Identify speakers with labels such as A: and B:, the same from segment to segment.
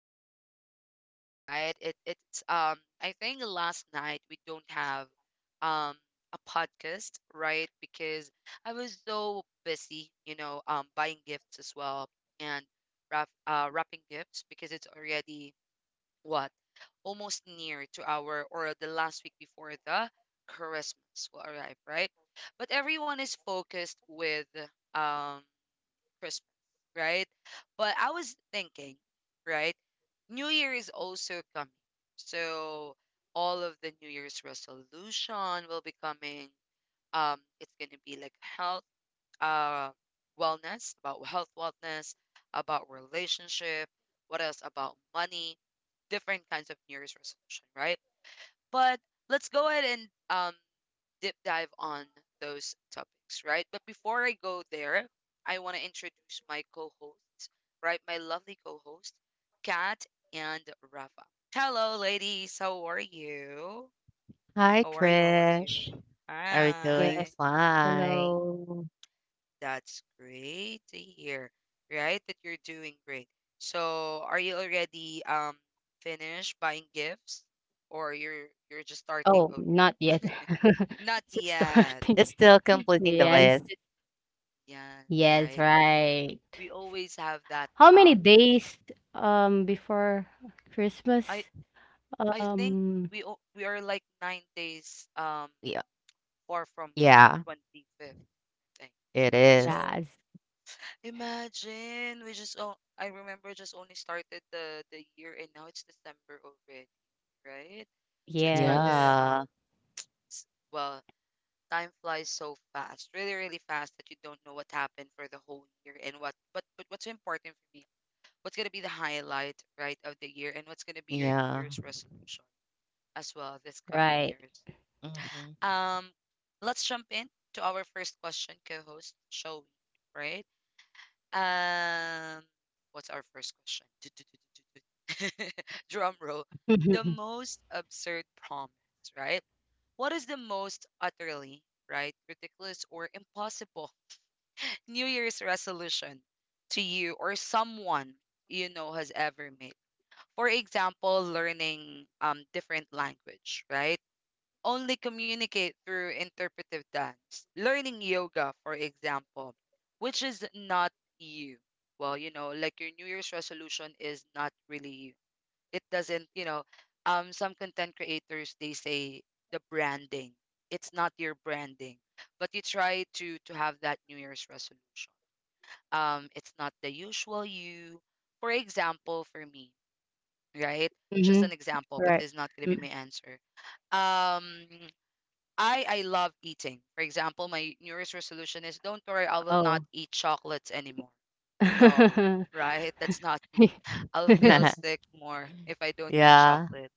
A: I know you missed me, right? It it's I think last night we don't have um a podcast, right? Because I was so busy, buying gifts as well, and wrapping gifts because it's already what almost near to our or the last week before the Christmas will arrive, right? But everyone is focused with um Christmas, right? But I was thinking, right? New Year is also coming. So all of the New Year's resolution will be coming. It's gonna be like health, uh, wellness, about health wellness, about relationship, what else about money, different kinds of New Year's resolution, right? But let's go ahead and deep dive on those topics, right? But before I go there, I want to introduce my co hosts, right? My lovely co host, Kat and Rafa. Hello, ladies. How are you?
B: Hi,
A: How are you? How are you?
B: Trish. Are you
C: Yes,
B: doing
A: Hi.
B: fine?
C: hello.
A: That's great to hear, right? That you're doing great. So, are you already finished buying gifts, or you're just starting
C: Oh,
A: over?
C: not yet.
A: Not
C: It's just
A: yet.
C: starting.
B: It's still completing the list.
C: Yes,
A: Yes,
C: yes,
A: right.
C: right.
A: We always have that.
C: How many days before
A: I
C: Christmas?
A: I think
C: Um,
A: we are like 9 days
B: Yeah,
A: far from
B: yeah,
A: 25th, I think.
B: it is.
C: yes,
A: So imagine, we just oh, I remember, just only started the year, and now it's December already, right? So it's kind
C: yes,
A: of,
B: Oh,
A: s- well, time flies so fast, really really fast, that you don't know what happened for the whole year, and what but what's important for me, what's going to be the highlight, right, of the year, and what's going to be your New
B: yeah,
A: Year's
B: yeah.
A: resolution as well this coming
C: right.
A: years.
B: Hmm.
A: Um, let's jump in to our first question, co-host Showy, right? Um, what's our first question? Du- du- du- du- du- du- Drum roll. The most absurd promise, right? What is the most utterly, right, ridiculous or impossible New Year's resolution to you or someone you know has ever made? For example, learning different language, right? Only communicate through interpretive dance, learning yoga, for example, which is not you. Well, you know, like your New Year's resolution is not really you. It doesn't, some content creators they say the branding. It's not your branding, but you try to have that New Year's resolution. It's not the usual you. For example, for me, right? Just
C: Mm-hmm.
A: an example, but
C: Right.
A: it's not gonna
C: Mm.
A: be my answer. um I love eating. For example, my New Year's resolution is don't worry, I will not
C: Oh.
A: eat chocolates anymore. No, right? That's not me. I'll feel sick more if I don't eat
B: Yeah,
A: chocolate,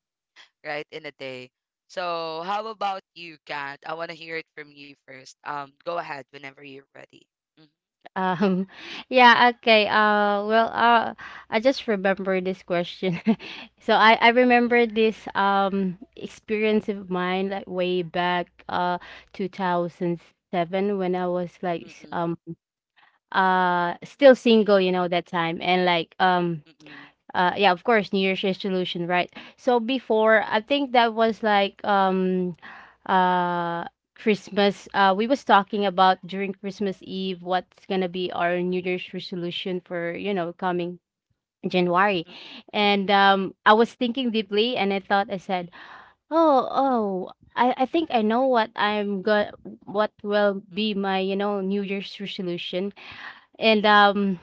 A: right, in a day. So how about you, Kat? I want to hear it from you first. Go ahead whenever you're ready. Mhm.
C: Um, yeah, okay. I just remember this question. So I remember this experience of mine like way back 2007, when I was like
A: Mm-mm,
C: still single, you know, that time, and like
A: mm-mm,
C: yeah, of course, new year's resolution, right? So before, I think that was like uh Christmas. We was talking about during Christmas Eve what's gonna be our new year's resolution for, you know, coming January.
A: mm-mm, mm-mm,
C: And I was thinking deeply, and I said, "Oh, oh, I think I know what I'm going, what will be my, you know, New Year's resolution." And
A: mm-mm,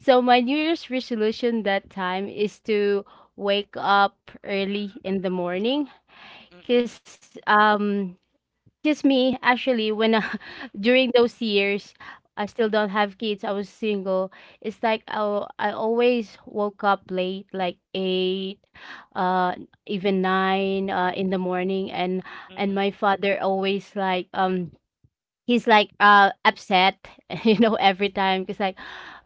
C: so my New Year's resolution that time is to wake up early in the morning.
A: mm-mm,
C: Cause just me, actually. When during those years, I still
A: mm-mm,
C: don't have kids. I was single. It's like I always woke up late, like 8, uh, even 9, in the morning. And
A: mm-mm.
C: my father always like he's like upset. You know, every time he's like,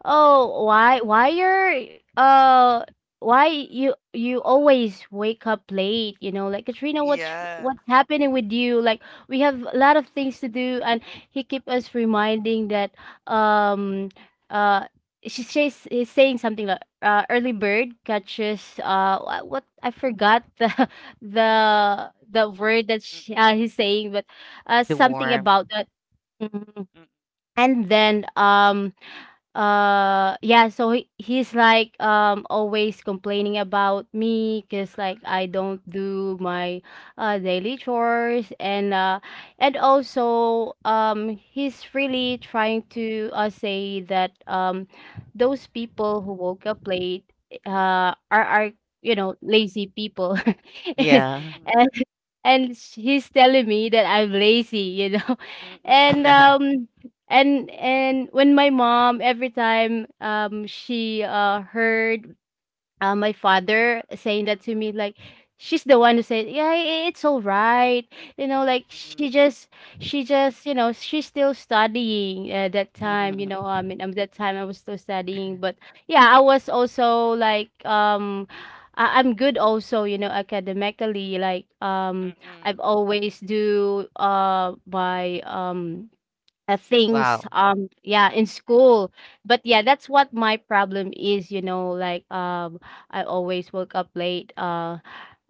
C: "Oh, why you're uh why you always wake up late? You know, like, Katrina, what's
A: Yeah.
C: what's happening with you? Like, we have a lot of things to do." And he keep us reminding that um uh she, she's he's saying something like early bird catches what I forgot the the word that
A: Mm-mm,
C: he's saying, but
B: the one.
C: something about that. Mhm.
A: mm-mm,
C: And then yeah, so he's like always complaining about me, cuz like I don't do my daily chores. And also he's really trying to say that those people who woke up late are you know, lazy people.
B: Yeah.
A: mm-mm,
C: And he's telling me that I'm lazy, you know. And
A: mm-mm,
C: and when my mom, every time she heard my father saying that to me, like, she's the one who said, "Yeah, it's all right." You know, like, she
A: mm-mm,
C: just you know, she's still studying at that time. You know, I mean, at that time I was still studying, but yeah, I was also like I- I'm good also, you know, academically, like
A: mm-mm,
C: I've
A: mm-mm,
C: always do by things,
B: Wow.
C: yeah, in school. But yeah, that's what my problem is, you know, like I always woke up late, uh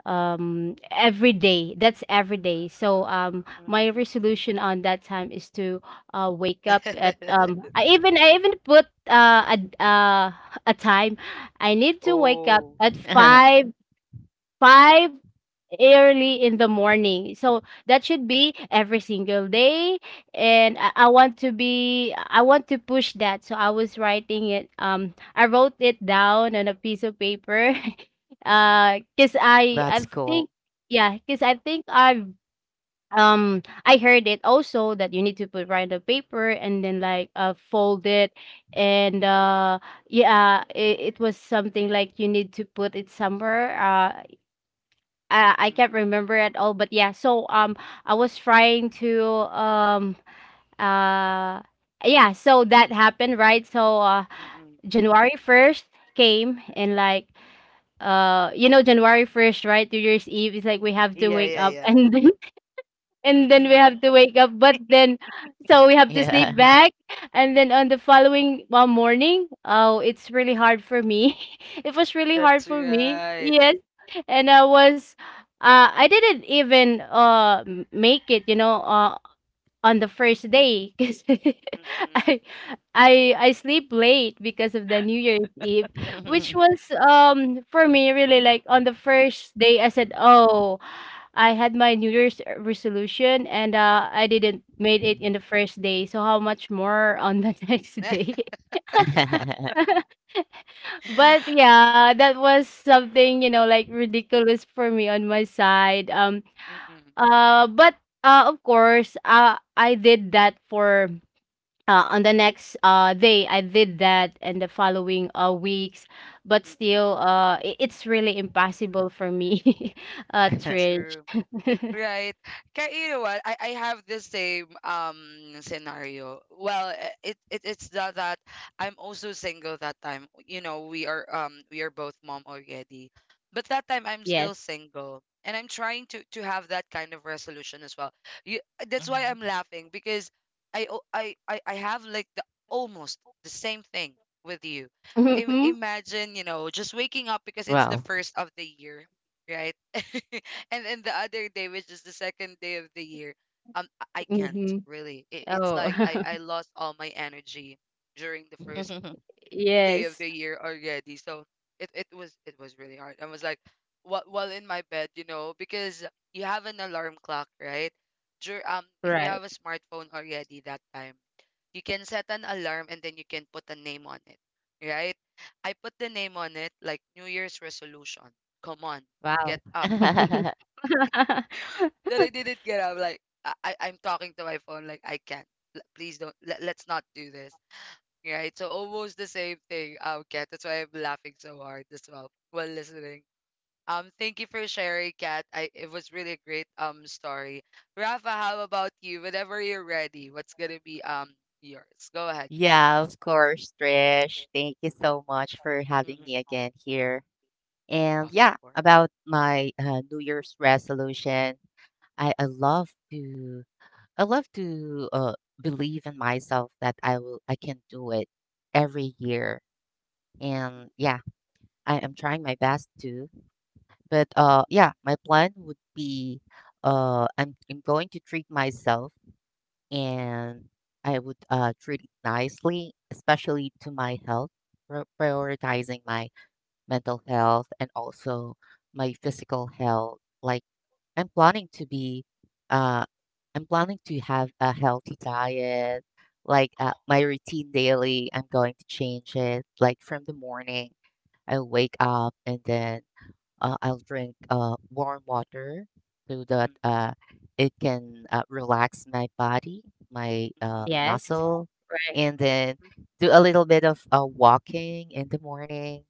C: um every day. That's every day. So my
A: mm-mm.
C: resolution on that time is to wake up at I even put
A: Mm.
C: a time I need to wake up
A: Oh.
C: at 5 five early in the morning. So that should be every single day. And
A: Mm,
C: I want to be, I want to push that. So I was writing it, I wrote it down on a piece of paper.
A: mm,
C: Cuz I
B: That's
C: think,
B: cool.
C: yeah, cuz I think I've I heard it also that you need to put right on the paper and then like fold it. And yeah, it was something like you need to put it somewhere. I
A: mm,
C: can't remember at all. But yeah, so I was trying to um uh yeah, so that happened, right? So
A: mm.
C: January 1st came. And like, you know, January 1st, right? New Year's Eve is like we have to
A: Yeah,
C: wake
A: yeah,
C: up
A: yeah.
C: and and then we
A: Mm.
C: have to wake up, but then so we have to sleep
B: Yeah.
C: back. And then on the following morning, oh, it's really hard for me. It was really hard
A: That's
C: for me,
A: right.
C: yes. And I didn't even make it, you know. On the first day, because
A: Mm.
C: I I sleep late because of the New Year's Eve, which was for me really like on the first day, I said, "Oh, I had my New Year's resolution and I didn't made it in the first day, so how much more on the next
A: Mm.
C: day?" But yeah, that was something, you know, like ridiculous for me on my side. But Of course, I did that for on the next day. I did that, and the following weeks. But
A: Mm.
C: still it's really impossible for me. Trish.
A: True. Right. Ka, you know what? I have the same scenario. Well, it's that I'm also single that time. You know, we are both mom already. But that time I'm still
C: Yes.
A: single, and I'm trying to have that kind of resolution as well. You, that's why
B: Mhm.
A: I'm laughing, because I o- I I have like the almost the same thing with you.
C: Mm-hmm.
A: Imagine, you know, just waking up because it's the
B: Wow.
A: first of the year, right? And then the other day, which is the second day of the year, I can't
C: Mm-hmm.
A: really. It it's like I
C: Oh.
A: I lost all my energy during the first day of
C: Yes.
A: the year already. So it was really hard. I was like, while in my bed, you know, because you have an alarm clock, right? Dur if you
C: Right.
A: have a smartphone already that time, you can set an alarm and then you can put a name on it, right? I put the name on it like New Year's resolution. Come on,
C: Wow.
A: get up, that I didn't get up. Like I'm talking to my phone. Like I can't. Please don't. Let's not do this. Right. So almost the same thing. Kat. That's why I'm laughing so hard as well while listening. Thank you for sharing, Kat. I It was really a great story. Rafa, how about you? Whenever you're ready, what's gonna be yours? Go ahead,
B: Yeah,
A: Rafa.
B: of course, Trish. Thank you so much for having
A: Mm-hmm.
B: me again here. And
A: Of
B: yeah,
A: course.
B: about my New Year's resolution, I love to I love to uh, believe in myself that I can do it every year.
A: Mm-mm,
B: And yeah, I am trying my best to. But yeah, my plan would be I'm going to treat myself,
A: mm-mm,
B: and I would treat it nicely, especially to my health, prioritizing my mental health and also my physical health. Like I'm planning to be, uh, I'm planning to have a healthy diet. Like my routine daily, I'm going to change
A: mm-mm,
B: it. Like from the morning, I wake up and then I'll drink warm water so
A: mm-mm,
B: that
A: mm-mm,
B: it can relax my body, my
C: Yes.
B: muscle,
C: Right.
B: and then do a little bit of walking in the morning.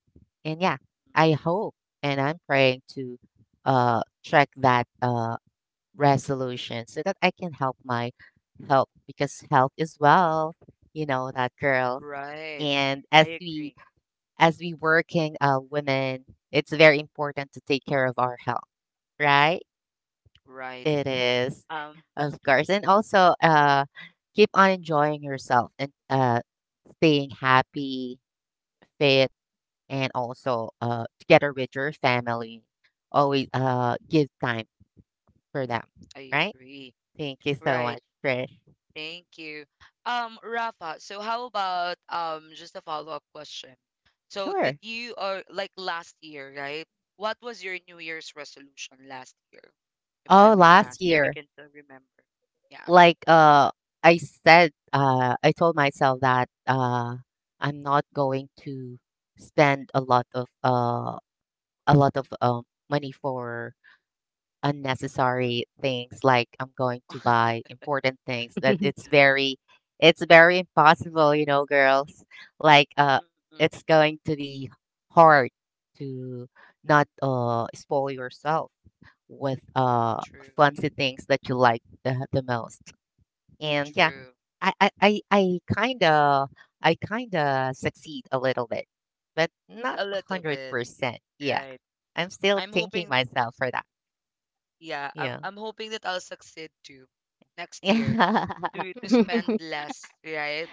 B: And yeah,
A: mm-mm. Mm-mm.
B: I hope and I'm praying to check that resolution so that I can help my health, because health is wealth. You know that, girl.
A: Right.
B: And as
A: I
B: we
A: agree.
B: as we working women, it's very important to take care of our health, right?
A: Right.
B: It is,
A: Um,
B: of course, and also keep on enjoying yourself and staying happy, fit, and also together with your family. Always give time for them,
A: I
B: right?
A: agree.
B: Thank you so
A: Right.
B: much, Trish.
A: Thank you. Rafa, so how about just a follow-up question? So did
B: Sure.
A: you, or like last year, right? What was your New Year's resolution last year, if I
B: Oh,
A: may
B: last
A: ask, if you
B: year.
A: can still remember? Yeah.
B: Like I said, I told myself that I'm not going to spend a lot of a lot of money for
A: Mm.
B: unnecessary things. Like I'm going to buy important things. That it's very impossible, you know, girls. Like
A: Mm-mm.
B: it's going to be hard to not spoil yourself with
A: True,
B: fancy things that you like the most. And yeah,
A: true.
B: I kinda succeed a little bit, but not
A: A
B: a
A: little
B: hundred
A: bit,
B: percent. Yeah,
A: right.
B: I'm still
A: I'm
B: thanking
A: hoping,
B: myself for that.
A: yeah, I'm,
B: Yeah,
A: I'm hoping that I'll succeed too next year,
B: yeah,
A: to spend less, right?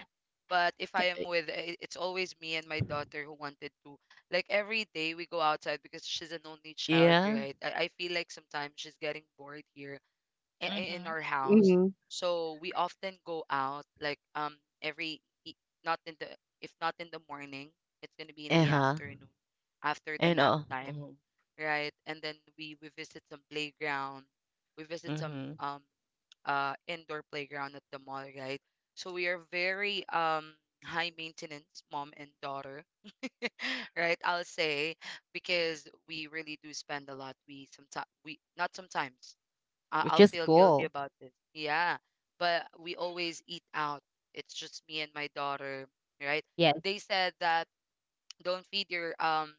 A: But if I am it's always me and my daughter who wanted to, like every day we go outside because she's an only child,
B: yeah.
A: right? I feel like sometimes she's getting bored here, in
B: Mm-hmm.
A: our house.
C: Hmm.
A: So we often go out, like, every e- not in the if not in the morning, it's gonna be in
B: Uh
A: the
B: huh.
A: afternoon after the
B: And
A: nap time,
B: mhm,
A: right? And then we visit some playground, we visit some
B: mhm.
A: indoor playground at the mall, right? So we are very high maintenance mom and daughter, right? I'll say, because we really do spend a lot. We sometimes, we, not sometimes.
B: Which
A: I'll
B: is
A: feel guilty
B: cool.
A: about this. Yeah, but we always eat out. It's just me and my daughter, right?
C: Yes.
A: They said that, don't feed your um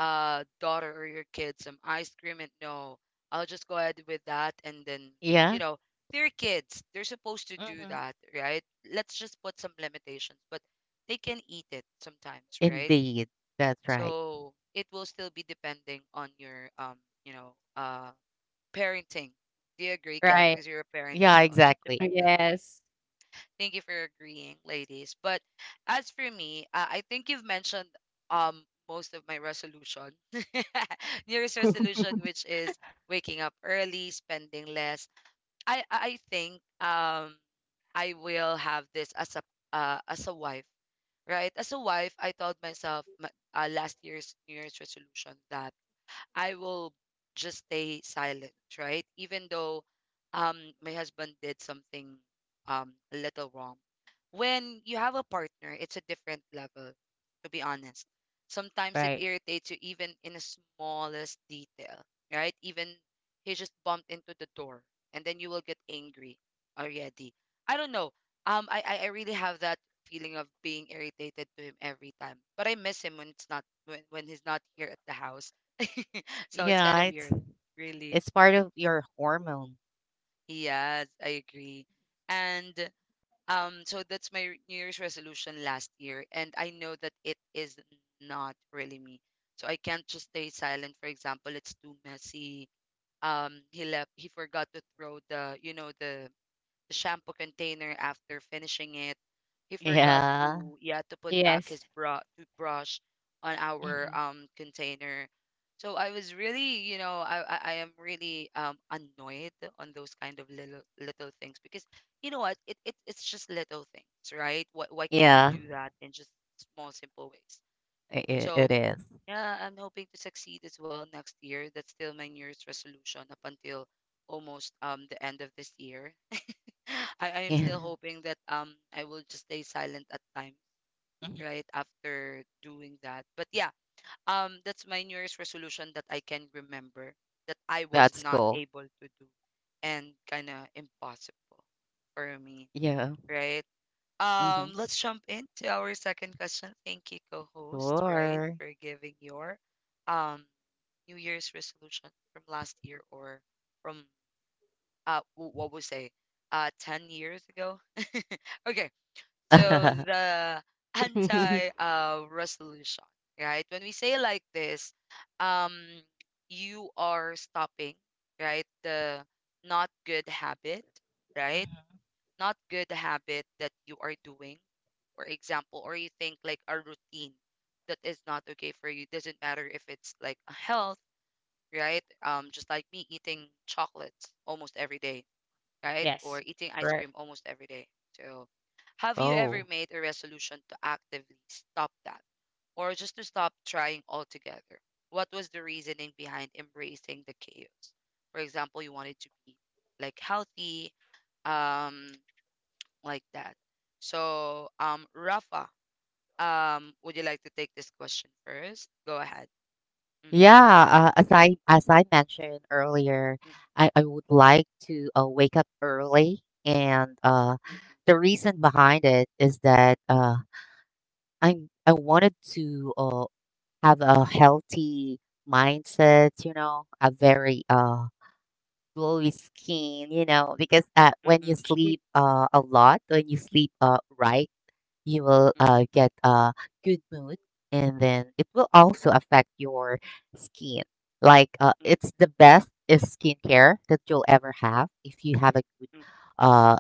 A: uh daughter or your kid some ice cream, and no, I'll just go ahead with that, and then, you
B: Yeah.
A: know, they're kids, they're supposed to do
B: Mm-hmm.
A: that, right? Let's just put some limitations, but they can eat it sometimes, right?
B: Indeed, that's right.
A: So it will still be depending on your, you know uh parenting. Do you agree, Kat?
C: Right.
A: Because you're a parent as
B: Yeah,
A: well. Just
B: exactly.
A: depending.
C: Yes.
A: Thank you for agreeing, ladies. But as for me, I think you've mentioned most of my resolution. New Year's resolution, which is waking up early, spending less. I think I will have this as a, as a wife, right? As a wife, I told myself, my, last year's New Year's resolution, that I will just stay silent, right? Even though my husband did something a little wrong. When you have a partner, it's a different level, to be honest. Sometimes it
C: Right.
A: irritates you even in the smallest detail, right? Even he just bumped into the door, and then you will get angry already. I don't know. I really have that feeling of being irritated to him every time. But I miss him when he's not here at the house, so it's kind
B: Yeah,
A: of weird, really.
B: it's part
A: It
B: of your hormone.
A: Yes, I agree. And so that's my New Year's resolution last year, and I know that it is not really me. So I can't just stay silent. For example, it's too messy. He left. He forgot to throw the, the shampoo container after finishing it. He forgot
B: Yeah.
A: to, yeah, to put back
C: Yes.
A: his bra toothbrush on our
B: Hmm.
A: container. So I was really, you know, I am really annoyed on those kind of little little things, because, you know what, it's just little things, right? Why can't you
B: Yeah,
A: do that in just small simple ways? So
B: it is.
A: yeah, I'm hoping to succeed as well next year. That's still my New Year's resolution up until almost the end of this year. I am still hoping that I will just stay silent at times,
B: Yeah. Mhm.
A: right? After doing that. But yeah, that's my New Year's resolution that I can remember, that I was
B: That's
A: not
B: cool.
A: able to do, and kinda impossible for me,
B: Yeah.
A: right?
B: Mhm.
A: Let's jump into our second question. Thank you, co-host, right,
B: Sure.
A: for giving your um New Year's resolution from last year, or from what we say 10 years ago. Okay, so the anti resolution, right? When we say like this, um, you are stopping, right? The not good habit, right?
B: Mhm.
A: Not good habit that you are doing, for example, or you think like a routine that is not okay for you. Doesn't matter if it's like a health, right? Just like me eating chocolates almost every day, right?
C: Yes.
A: Or eating ice
C: Right.
A: cream almost every day. So, have you ever
B: Oh,
A: made a resolution to actively stop that, or just to stop trying altogether? What was the reasoning behind embracing the chaos? For example, you wanted to be like healthy, um, like that. So, Rafa, would you like to take this question first? Go ahead. Mm-hmm.
B: yeah. As I mentioned earlier, I would like to wake up early, and the reason behind it is that I wanted to have a healthy mindset. You know, a very glowy skin. You know, because when you
A: Mm-mm,
B: sleep a lot, when you sleep, right, you will
A: mm-mm, mm-mm,
B: get a good mood, and then it will also affect your skin. Like
A: mm-mm,
B: it's the best is skincare that you'll ever have if you have a good
A: mm-mm,
B: uh,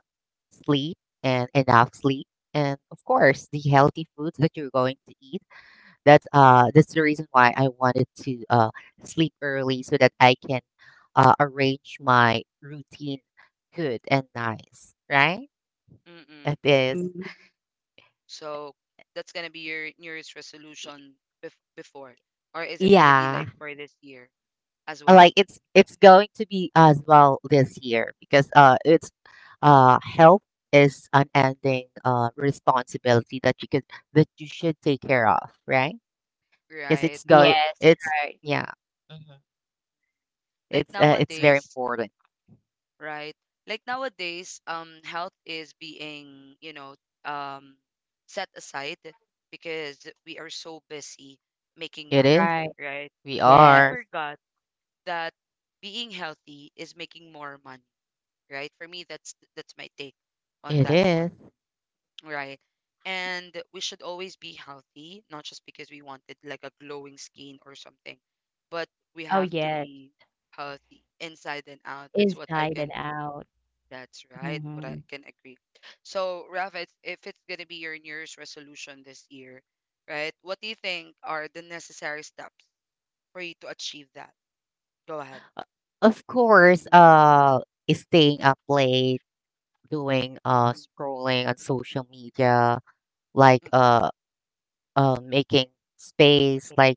B: sleep and enough sleep, and of course the healthy foods that you're going to eat. That's that's the reason why I wanted to sleep early, so that I can arrange my routine good and nice, right?
A: mm-mm.
B: It is.
C: Mm-hmm.
A: So that's gonna be your New Year's resolution before, or is it gonna be
B: Yeah.
A: like for this year as well?
B: Like it's going to be as well this year, because it's health is an
A: Mm.
B: ending responsibility that you could that you should take care of, right? Because
A: Right.
B: it's going
C: Yes,
B: it's
C: right,
B: yeah. Mhm.
A: Like
B: It's very
A: nowadays,
B: important.
A: right? Like nowadays, health is being, you know, um, set aside because we are so busy making
B: It
A: money,
B: is.
C: right,
A: right?
B: We
A: But we
B: are.
C: yes.
A: forgot that being healthy is making more money, right? For me, that's my take on
B: It
A: that one,
B: is.
A: right? And we should always be healthy, not just because we wanted like a glowing skin or something, but we
C: Oh,
A: have to
C: yes.
A: be healthy inside and out. That's what
C: Inside and out.
A: that's right, what I
C: Mhm.
A: can agree. So, Rafa, if it's going to be your New Year's resolution this year, right, what do you think are the necessary steps for you to achieve that? Go ahead.
B: Of course,
A: Mm-hmm,
B: is staying up late, doing
A: mm-hmm,
B: scrolling on social media, like
A: mm-mm,
B: making space, like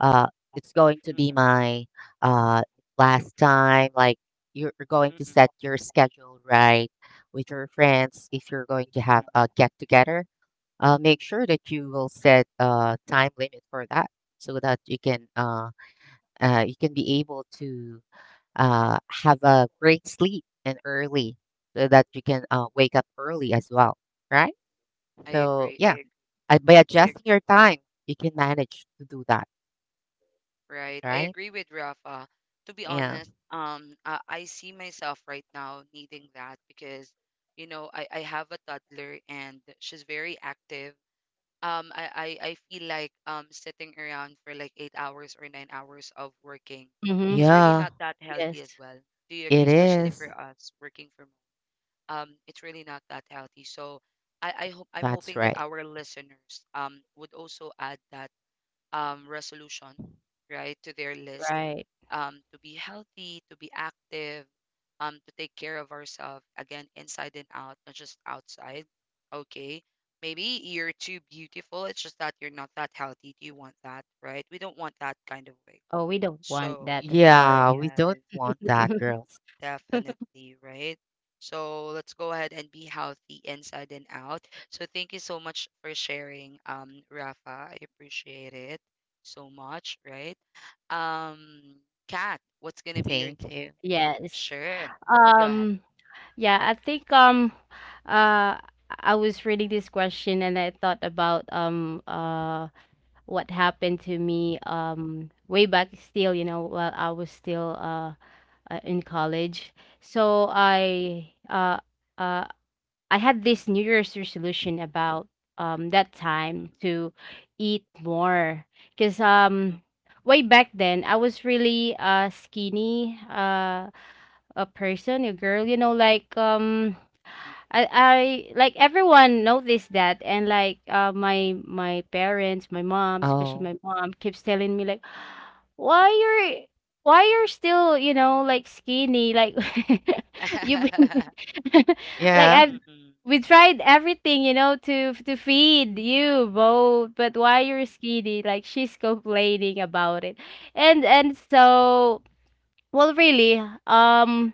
B: uh, it's going to be
A: mm-mm,
B: my uh, last time. Like you're going to
A: mm-mm,
B: set your schedule right with your friends. If you're going to have
A: mm-mm.
B: a get together, make sure that you will set a time limit for that, so that you can be able to have a great sleep, and early, so that you can wake up early as well, right?
A: I
B: So
A: agree. I
B: yeah,
A: agree.
B: I, by
A: I
B: adjusting
A: agree
B: your
A: with that.
B: time, you can manage to do that,
A: Right. I
B: right?
A: agree with Rafa. To be
B: Yeah.
A: honest, I see myself right now needing that because, you know, I have a toddler and she's very active. I feel like sitting around for like 8 hours or 9 hours of working
C: Mhm,
A: is really
B: Yeah,
A: not that healthy
C: yes,
A: as well. Do you agree?
B: it
A: Especially
B: is.
A: for us working from home. It's really not that healthy. So I hope I'm
B: That's
A: hoping that
B: right.
A: our listeners would also add that um resolution, right, to their list
C: right.
A: to be healthy, to be active, to take care of ourselves, again, inside and out, not just outside. Okay. Maybe you're too beautiful. It's just that you're not that healthy. Do you want that, right? We don't want that kind of way.
C: Oh, we don't want
A: So,
C: that, of course.
B: Yeah, we
A: yes.
B: don't want that, girls.
A: Definitely, right? So let's go ahead and be healthy inside and out. So thank you so much for sharing, Rafa. I appreciate it so much, right? Um, Kat, what's gonna be your
B: Thank
A: take?
B: you.
C: Yes.
A: Sure. Go ahead.
C: Um, yeah, I think, uh, I was reading this question and I thought about, what happened to me, way back still, you know, while I was still, in college. So
A: Mm,
C: uh, I had this New Year's resolution about that
A: mm,
C: time to eat more. Because
A: mm,
C: way back then, I was really skinny, a person, a girl, you know, like
A: mm, mm.
C: I like, everyone noticed that, and like my my parents my mom, especially
B: Oh,
C: my mom, keeps telling me like, why you're why you're still, you know, like, skinny, like, you've been like
B: yeah.
C: I've
A: Mm-mm.
C: we tried everything, you know, to feed you both, but why you're skinny?" like, she's complaining about it. And so, well, really, um,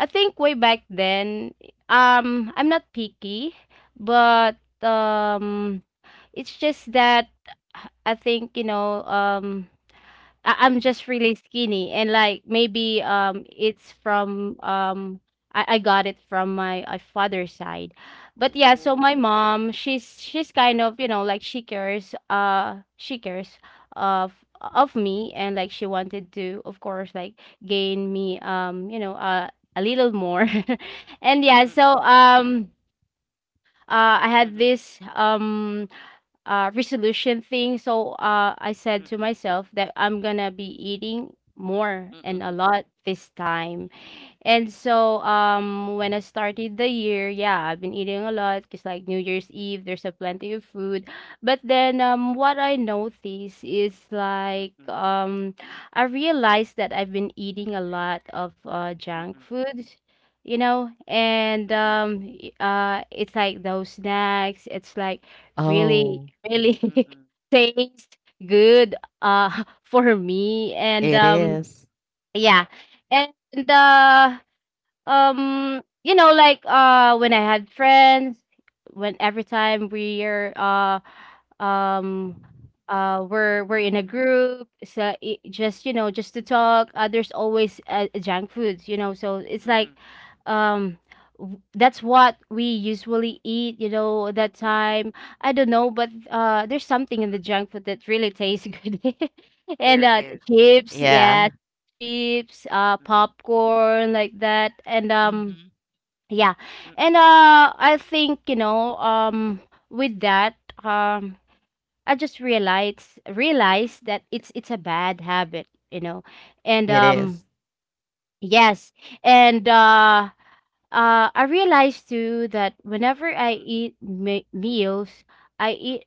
C: I think way back then, I'm not picky, but um, it's just that I think, you know, I- I'm just really skinny, and like, maybe it's from I got it from my father's side. But yeah, so
A: Ooh.
C: my mom, she's kind of, you know, like, she cares of of me, and like, she wanted to, of course, like gain me, you know, a little more. And
A: Mm,
C: yeah,
A: mm,
C: so
A: mm,
C: I
A: mm, mm,
C: had
A: mm,
C: this resolution thing, so I
A: mm,
C: said
A: mm,
C: to
A: mm,
C: myself that I'm gonna be eating
A: mm,
C: more
A: mm, mm, mm, mm,
C: and a
A: mm, mm,
C: lot this time. And so, when I started the year, yeah, I've been eating a lot because, like, New Year's Eve, there's a plenty of food. But then, what I noticed is
A: mm, mm,
C: like,
A: mm, mm,
C: I realized that I've been eating a lot of junk food, you know.
A: mm,
C: And
A: mm, mm,
C: it's like those snacks. It's like really,
B: Oh,
C: really tastes good for me. And
B: it is.
C: yeah. And uh you know, like, when I had friends, when every time we're um we're in a group, so just, you know, just to talk, there's always junk foods, you know, so it's
A: mm,
C: like
A: mm,
C: um that's what we usually eat, you know, at that
A: mm, mm.
C: time. I don't know, but there's something in the junk food that really tastes good. And
A: There is.
C: chips, yeah,
B: Yeah.
C: chips,
A: Mm, mm,
C: popcorn, like that. And
B: Mhm.
C: yeah.
A: mm,
C: And I think, you know, with that, um, I just
A: mm,
C: realized that it's a bad habit, you know. And
B: It
A: mm,
B: is.
C: yes. and. I realized too that whenever I
A: mm, mm.
C: eat meals, I eat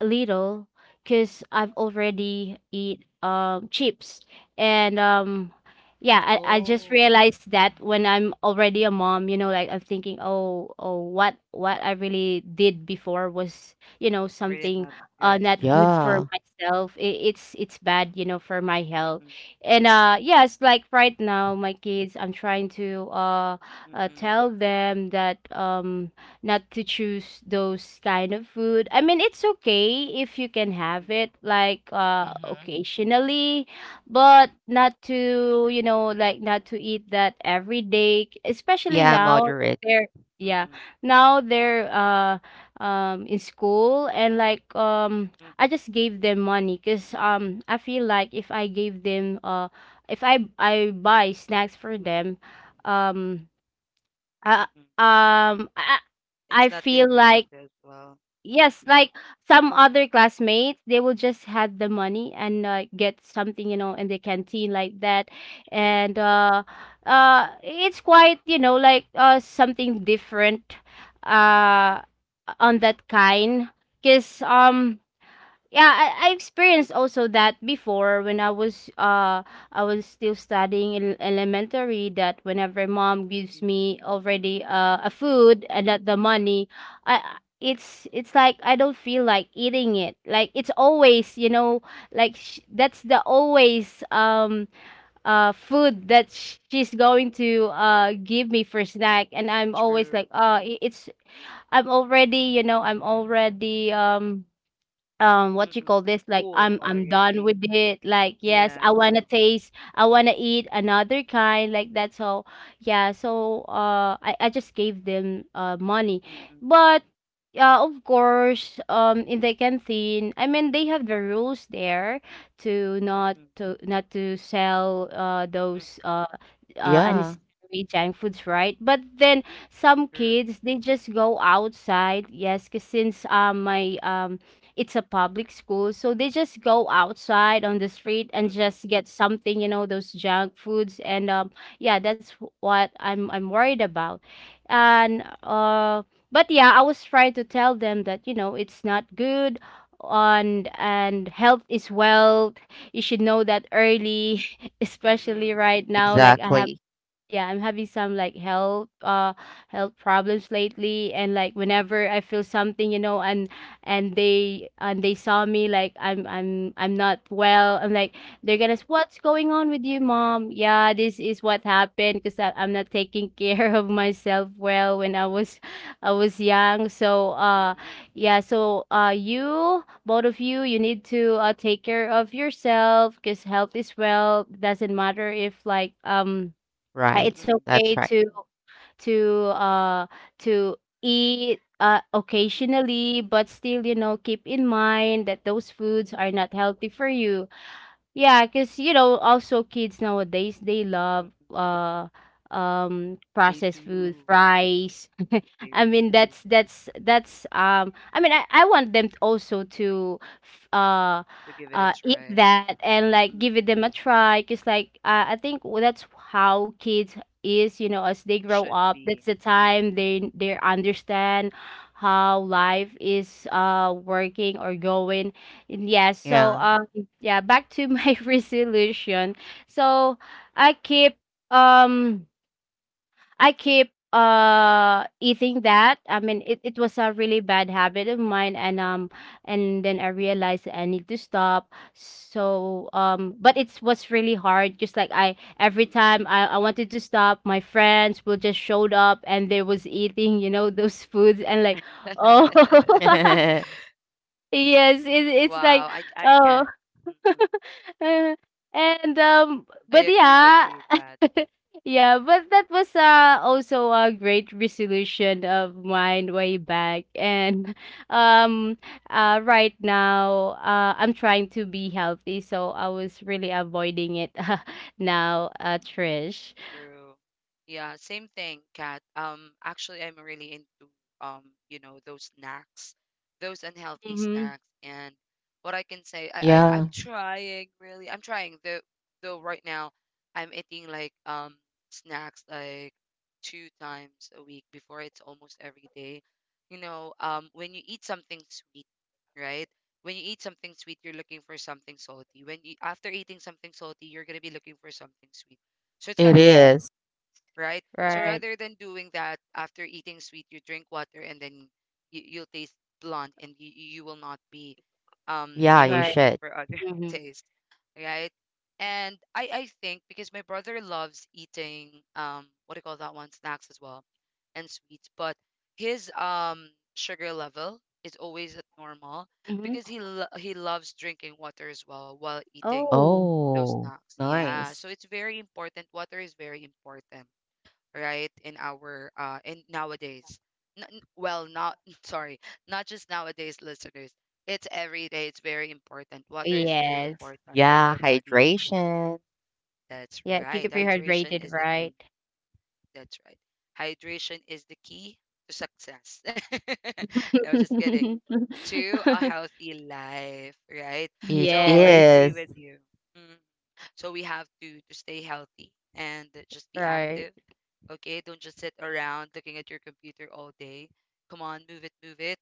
C: little because I've already eat chips. And yeah, I just
A: Oh.
C: realized that when I'm already a mom, you know, like, I'm thinking, oh, oh, what I really did before was, you know,
A: Really
C: something
A: not good.
C: not good for
B: Yeah.
C: myself. It's bad, you know, for my
A: Mm,
C: health.
A: mm,
C: And yes, like, right now my kids, I'm trying to
A: mm, mm,
C: tell them that not to choose those kind of food. I mean, it's okay if you can
A: mm,
C: have it like
B: Hmm.
C: occasionally, but not to, like not to eat that every day, especially
B: Yeah,
C: now that
B: moderate.
C: they're
A: mm,
C: yeah,
A: mm,
C: now they're in school and like I just gave them money because I feel like if I gave them if I buy snacks for them um uh,
A: mm.
C: um I,
A: It's
C: I
A: not gonna
C: feel
A: be out
C: like
A: there as well.
C: yes,
A: Mm,
C: like some other classmates they will just have the money and get something in the canteen like that,
A: true,
C: and it's quite like something different uh
A: mm,
C: on that kind, because yeah, I experienced also that before, when I was still studying in elementary, that whenever mom gives
A: mm,
C: me already a food and not the money, it's like I don't feel like eating it, like it's always like that's the always food that she's going to give me for snack, and I'm always like
A: true,
C: I- it's I'm already what you
A: mm,
C: call this, like i'm
A: full
C: i'm done with
A: already.
C: it, like yes, I
A: Yeah.
C: want to taste, I want to eat another kind, like that's all. Yeah, so I just gave them money,
A: Mm-mm,
C: but of course, in the canteen, I mean, they have the rules there to
A: mm-mm,
C: not to sell
A: mm,
C: those
B: Yeah,
C: unnecessary junk foods, right? But then some
A: true.
C: kids they just go outside. Yes, cause since my it's a public school, so they just go outside on the street and
A: Mm-mm,
C: just get something, those junk foods, and yeah, that's what I'm worried about, and. But yeah, I was trying to tell them that it's not good, on and health is wealth. You should know that early. Especially
A: mm,
C: right now, like I have
B: exactly.
C: yeah, I'm having some, like, health problems lately, and like whenever I feel something, and they saw me, like I'm not well, I'm like they're gonna what's going on with you, mom? Yeah, this is what happened because I'm not taking care of myself well when I was I was young, so yeah, so you both of you you need to take care of yourself, because health is well, doesn't matter if, like,
B: Right.
A: mm-mm,
C: it's
A: mm,
B: That's
C: okay
B: right.
C: to to uh to eat
A: true.
C: occasionally, but still, keep in mind that those foods are not healthy for you. Yeah, because also kids nowadays, they love
A: They
C: processed food,
A: do.
C: fries. I
A: They
C: mean,
A: really
C: that's
A: do.
C: that's that's I mean, I want them also to f- uh
A: To give it
C: uh
A: a
C: eat
A: try.
C: that, and, like, give it
A: Mm-mm.
C: them a try, because, like, I think that's how kids is, as they
A: Should
C: grow up,
A: be.
C: that's the time they understand how life is working or going. And yeah, so
B: Yeah.
A: Mm-mm.
C: yeah, back to my resolution, so I keep um I keep eating that. I mean, it was a really bad habit of mine, and then I realized that I need to stop. So but it was really hard. Just like I every time I wanted to stop, my friends will just showed up and they was eating, those foods, and, like, oh, yes, it's
A: Wow, I
C: like,
A: I can.
C: oh.
A: Mm-mm.
C: Uh, and
A: I
C: but
A: agree with you,
C: yeah.
A: Kat.
C: Yeah, but that was also a great resolution of mine way back, and um right now I'm trying to be healthy, so I was really avoiding it. Now, Trish.
A: True. Yeah, same thing, Kat. Actually, I'm really into um, you know, those snacks, those unhealthy
C: Mm-hmm.
A: snacks, and what I can say, I
B: Yeah,
A: I'm trying really, I'm trying though. Though right now, I'm eating like snacks like two times a week. Before it's almost every day. You know, when you eat something sweet, right? When you eat something sweet, you're looking for something salty. When you after eating something salty, you're gonna be looking for something sweet so it's kind
B: it
A: of
C: Yeah,
A: weird,
B: is.
A: right? So
C: right,
A: rather than doing that after eating sweet, you drink water and then you'll taste blunt and you will not be,
B: Yeah,
A: you know,
B: you
C: right.
A: looking
B: should.
A: for other
C: Mm-hmm.
A: taste, right? And I think because my brother loves eating, what do you call that one? Snacks as well and sweets, but his sugar level is always at normal
C: Mm-hmm.
A: because he loves drinking water as well while eating
C: Oh,
A: those
B: Oh,
A: snacks. Yeah.
B: nice.
A: So it's very important. Water is very important, right? In our in nowadays. Well, not sorry, not just nowadays, listeners. It's every day. It's very important. Water is very
C: Yes.
A: important in
B: Yeah,
A: our body.
B: hydration.
A: That's
C: Yeah, keep
A: right.
C: it
A: Hydration
C: hydrated,
A: is the key.
C: right?
A: That's right. Hydration is the key to success. No, just kidding. To a healthy life, right?
B: It
A: So I
C: Yes,
A: agree
B: is.
A: with you. Mm-hmm. So we have to stay healthy and just be
C: right.
A: active. Okay, don't just sit around looking at your computer all day. Come on, move it, move it.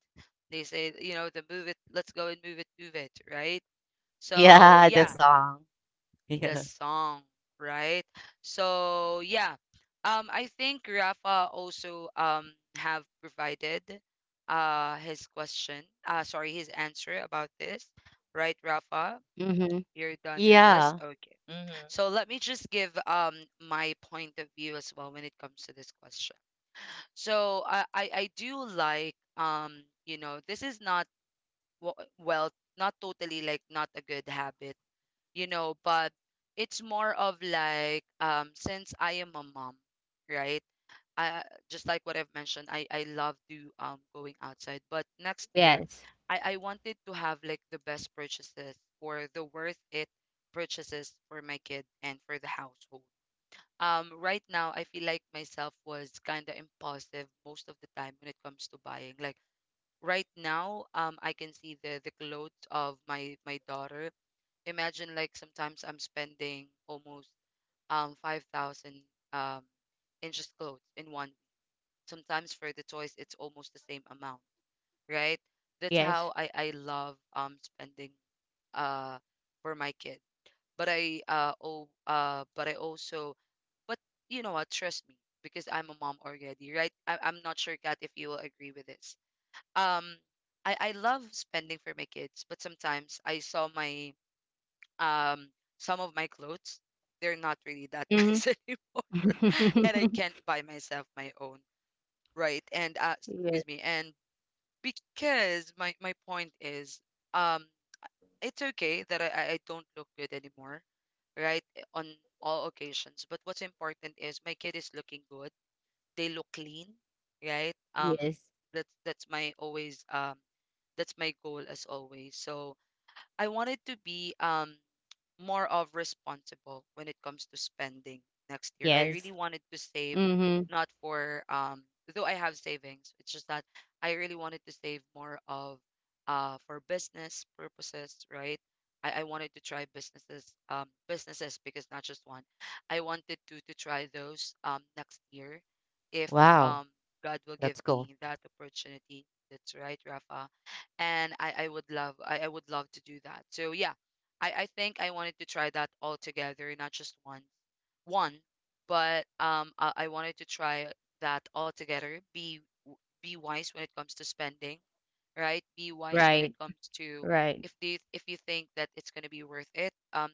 A: They say you know the move it, let's go and move it, move it, right? So
B: Yeah, the
A: yeah,
B: song.
A: the
B: Yeah.
A: song, right? So yeah, I think Rafa also have provided his question sorry his answer about this, right, Rafa?
C: Mhm.
A: You're done with this,
B: Yeah.
A: okay.
B: Mhm.
A: So let me just give my point of view as well when it comes to this question. So I do like you know this is not well not totally like not a good habit you know, but it's more of like since I am a mom, right, I just like what I've mentioned, I love to going outside, but next year
C: Yes.
A: I wanted to have like the best purchases or the worth it purchases for my kid and for the household. Um right now I feel like myself was kind of impulsive most of the time when it comes to buying. Like right now, I can see the clothes of my daughter. Imagine like sometimes I'm spending almost 5,000 um in just clothes in one week. Sometimes for the toys it's almost the same amount, right? That's
C: Yes.
A: how I love spending uh for my kids, but I uh oh but I also but you know what, trust me, because I'm a mom already, right? I'm not sure, Kat, if you will agree with this. Um, I love spending for my kids, but sometimes I saw my um some of my clothes, they're not really that
C: Mhm.
A: nice anymore. And I can't buy myself my own, right? And
C: Yes.
A: excuse me, and because my point is um it's okay that I don't look good anymore, right? Eh, on all occasions. But what's important is my kid is looking good. They look clean, right?
C: Yes.
A: That's my always that's my goal as always. So I wanted to be more of responsible when it comes to spending next year. I
C: Yes.
A: really wanted to save
C: Mhm.
A: not for though I have savings, it's just that I really wanted to save more of for business purposes, right? I wanted to try businesses businesses because not just one. I wanted to try those next year if
B: Wow.
A: God will give
B: That's cool.
A: me that opportunity. That's right, Rafa. And I would love to do that. So yeah, I think I wanted to try that all together, not just one, but um, I wanted to try that all together. Be be wise when it comes to spending, right? Be wise when it
C: Right.
A: comes to
C: Right.
A: if you think that it's gonna be worth it.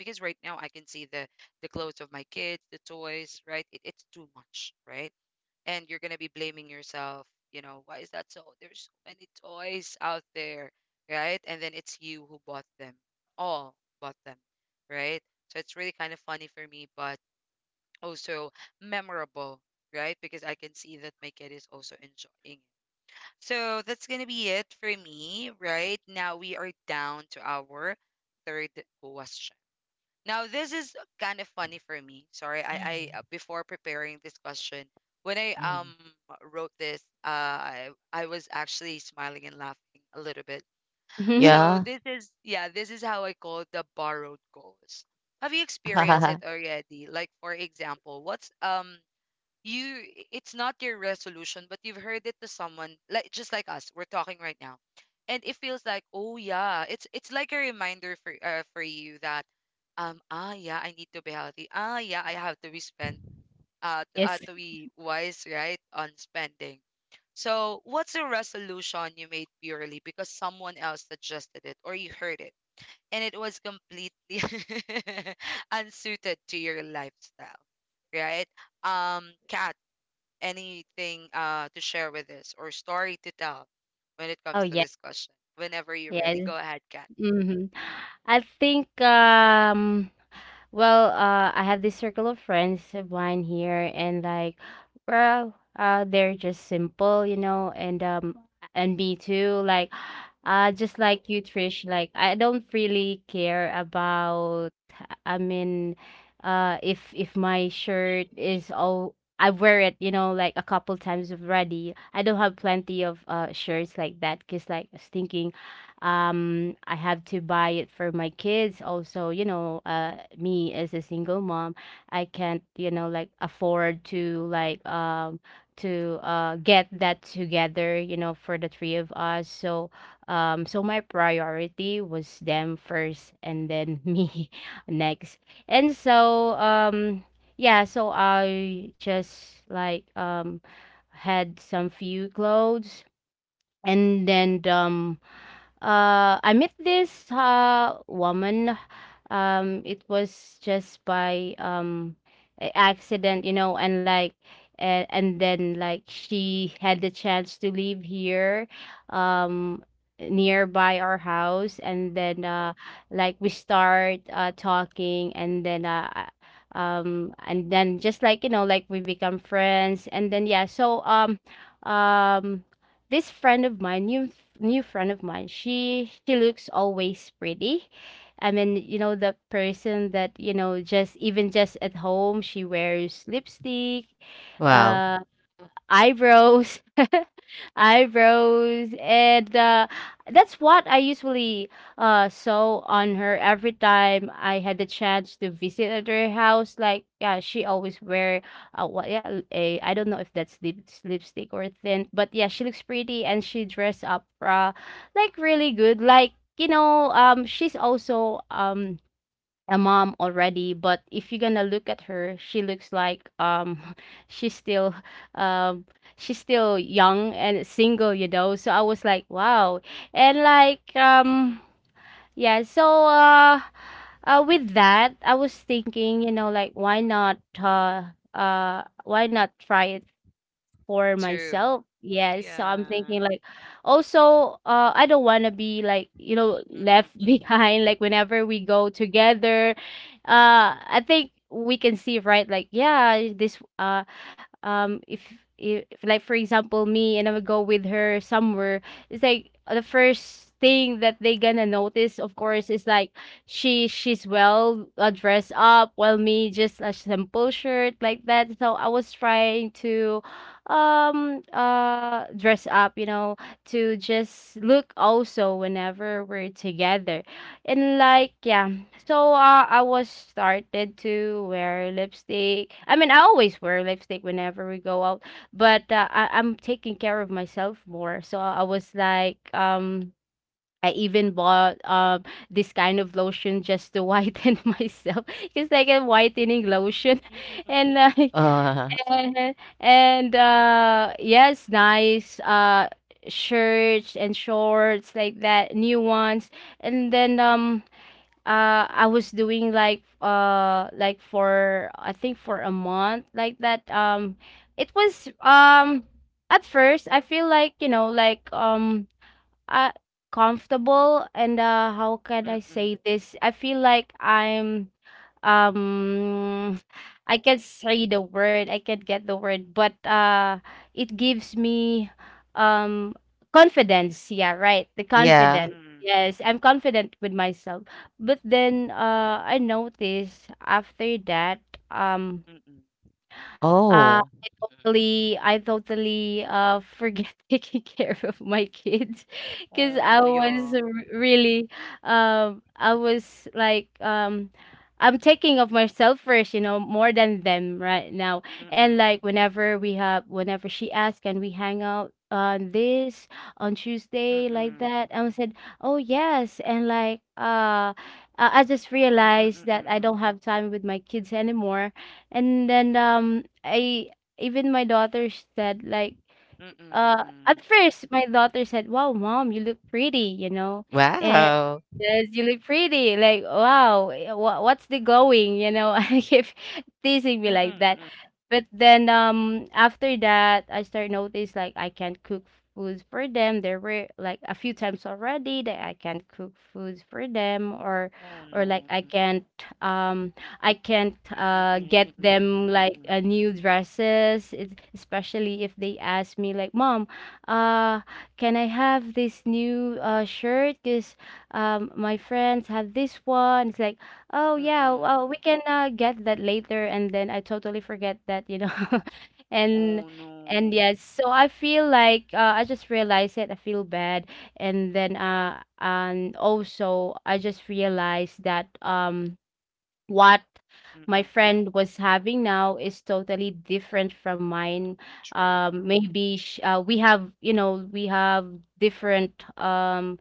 A: Because right now I can see the clothes of my kids, the toys, right? It, it's too much, right? And you're gonna be blaming yourself. You know, why is that so? There's so many toys out there, right? And then it's you who bought them, all bought them, right? So it's really kind of funny for me, but also memorable, right? Because I can see that my kid is also enjoying it. So that's gonna be it for me, right? Now we are down to our third question. Now, this is kind of funny for me. Sorry, I
B: Mhm.
A: before preparing this question, when I
B: Mm.
A: wrote this, I was actually smiling and laughing a little bit.
C: Mhm.
A: So
B: Yeah.
A: this is yeah, this is how I call the borrowed goals. Have you experienced
C: Oh,
A: it already? Like for example, what's you it's not your resolution but you've heard it to someone like just like us we're talking right now, and it feels like oh yeah it's like a reminder for you that ah yeah I need to be healthy, ah yeah I have to be spend
C: yes.
A: to be wise right on spending. So what's a resolution you made purely because someone else suggested it or you heard it and it was completely unsuited to your lifestyle, right? Um Cat, anything to share with this or story to tell when it
C: Oh,
A: comes to
C: yeah.
A: this question? Whenever you're ready,
C: Yes.
A: go ahead, Kat.
C: Mhm. I think well, I have this circle of friends of mine here, and, like, well, they're just simple, and me too. Like, just like you, Trish. Like, I don't really care about. I mean, if my shirt is all, I wear it, like a couple times already. I don't have plenty of shirts, like that, because, like, I was thinking, I have to buy it for my kids also, me as a single mom, I can't, like, afford to, like, to get that together, for the three of us, so so my priority was them first, and then me next. And so yeah, so I just, like, had some few clothes, and then I met this woman. It was just by, accident, and, like, and then, like, she had the chance to live here, um nearby our house, and then like we start talking, and then and then just, like, like we become friends, and then yeah, so um this friend of mine, new friend of mine, she looks always pretty. I mean, the person that, just even just at home, she wears lipstick,
B: Wow.
C: uh, eyebrows. Eyebrows and that's what I usually saw on her every time I had the chance to visit at her house, like, yeah, she always wear, what, yeah, a, I don't know if that's lipstick or thin, but yeah, she looks pretty and she dress up, like really good, like, she's also, a mom already, but if you're gonna look at her, she looks, like, she's still um she's still young and single, so I was like, wow. And, like,
A: Mm, mm,
C: yeah, so with that, I was thinking, like, why not, why
A: mm,
C: not
A: mm,
C: try it for
A: true.
C: myself. Yes, so I'm
A: Yeah.
C: thinking, like, also I don't want to be, like,
A: Mm, mm,
C: left
A: mm, mm.
C: behind, like whenever we go together. I think we can see, right? Like, yeah, this if, like for example me and I would go with her somewhere, it's like, the first thing that they gonna notice, of course, is like, she's well dressed up, while me just a simple shirt, like that. So I was trying to dress up, to just look also whenever we're together. And, like, yeah, so I was started to wear lipstick. I mean, I always wear lipstick whenever we go out, but I'm taking care of myself more. So I was like, I even bought this kind of lotion just to whiten myself. It's like a whitening lotion,
A: Mm, mm,
C: and, like,
B: Uh,
C: and yes, nice shirts and shorts, like that, new ones, and then I was doing, like, like, for I think, for a month, like that. It was, at first, I feel like, uh, comfortable, and how can I
A: mm, mm,
C: say this? I feel like um I can say the word, I can get the word, but it gives me um confidence. Yeah, right. The
A: mm,
B: yeah.
C: confidence.
A: mm,
C: Yes, I'm confident with myself. But then I noticed after that, um
A: mm, mm.
C: uh,
B: Oh,
C: I I totally forget taking care of my kids, cause
A: Oh,
C: I
A: yeah.
C: was r really, I was like, I'm taking of myself first, more than them right now.
A: Mm,
C: And,
A: mm,
C: like, whenever we have whenever she asks, "Can we hang out on
A: mm,
C: Tuesday?" like
A: mm.
C: that, I said, "Oh, yes." And, like, I just
A: Mm, mm,
C: realized
A: mm,
C: that
A: mm,
C: I
A: mm.
C: don't have time with my kids anymore, and then, I even my daughter said, like,
A: Mm, mm, mm, mm.
C: at first my daughter said, "Wow, mom, you look pretty," you know,
B: wow.
C: yes, you look pretty. Like, wow, what's the going? You know, I keep teasing me
A: Mm, mm,
C: like that.
A: mm, mm.
C: But then after that, I start notice like I can't cook foods for them. There were like a few times already that I can't cook foods for them, or
A: Oh,
C: like,
A: no. Mm,
C: um I can't
A: mm,
C: uh
A: mm, mm,
C: get
A: mm, mm, mm,
C: them
A: mm,
C: like a
A: mm, mm,
C: new dresses. It's, especially if they ask me like, "Mom, uh can I have this new shirt? 'Cause my friends have this one it's like
A: mm,
C: Oh
A: mm,
C: yeah,
A: mm.
C: well, we can get that later, and then I totally forget that.
A: Oh,
C: and and
A: no.
C: yes so I feel like I just realized it I feel bad. And then and also I just realized that what
A: Mm, mm.
C: my friend was having now is totally different from mine.
A: True.
C: We have we have different um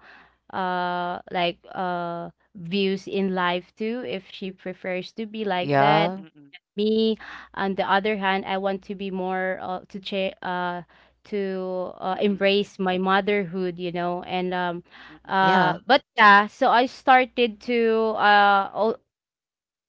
C: uh like views in life too. If she prefers to be like that,
B: Yeah.
A: Mm, mm,
C: me on the other hand, I want to be more to cha- to
A: mm, mm, mm,
C: embrace my motherhood, and
A: mm.
B: Yeah.
C: but yeah, so I started to al-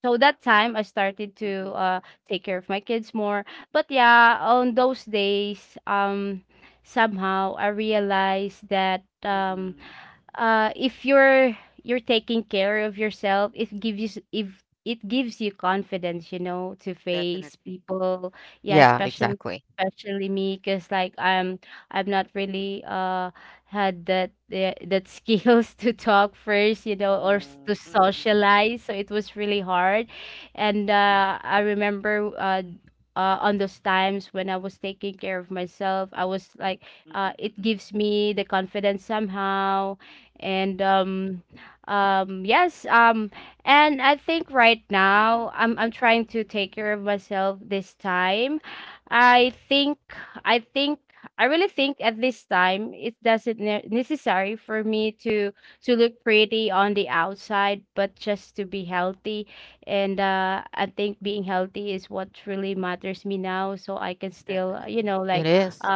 C: so that time I started to
A: Mm,
C: take care of my kids more. But yeah, on those days, somehow I realized that
A: mm,
C: if you're taking care of yourself, it gives you s- if it gives you confidence, to face
A: definitely.
C: people. Yeah,
B: Yeah, exactly.
C: especially me, because like I'm not really had that the that skills to talk first,
A: Oh,
C: to
A: mm, mm, mm,
C: socialize, so it was really hard. And
A: mm,
C: I remember on those times when I was taking care of myself, I was like,
A: mm,
C: it
A: mm,
C: gives me the confidence somehow. And um um yes um and I think right
A: mm, mm,
C: now I'm trying to take care of myself this time. I think I think I really think at this time it doesn't necessary for me to look pretty on the outside, but just to be healthy. And I think being healthy is what really matters me now, so I can still, you
A: definitely.
C: know,
B: It
C: like
B: is.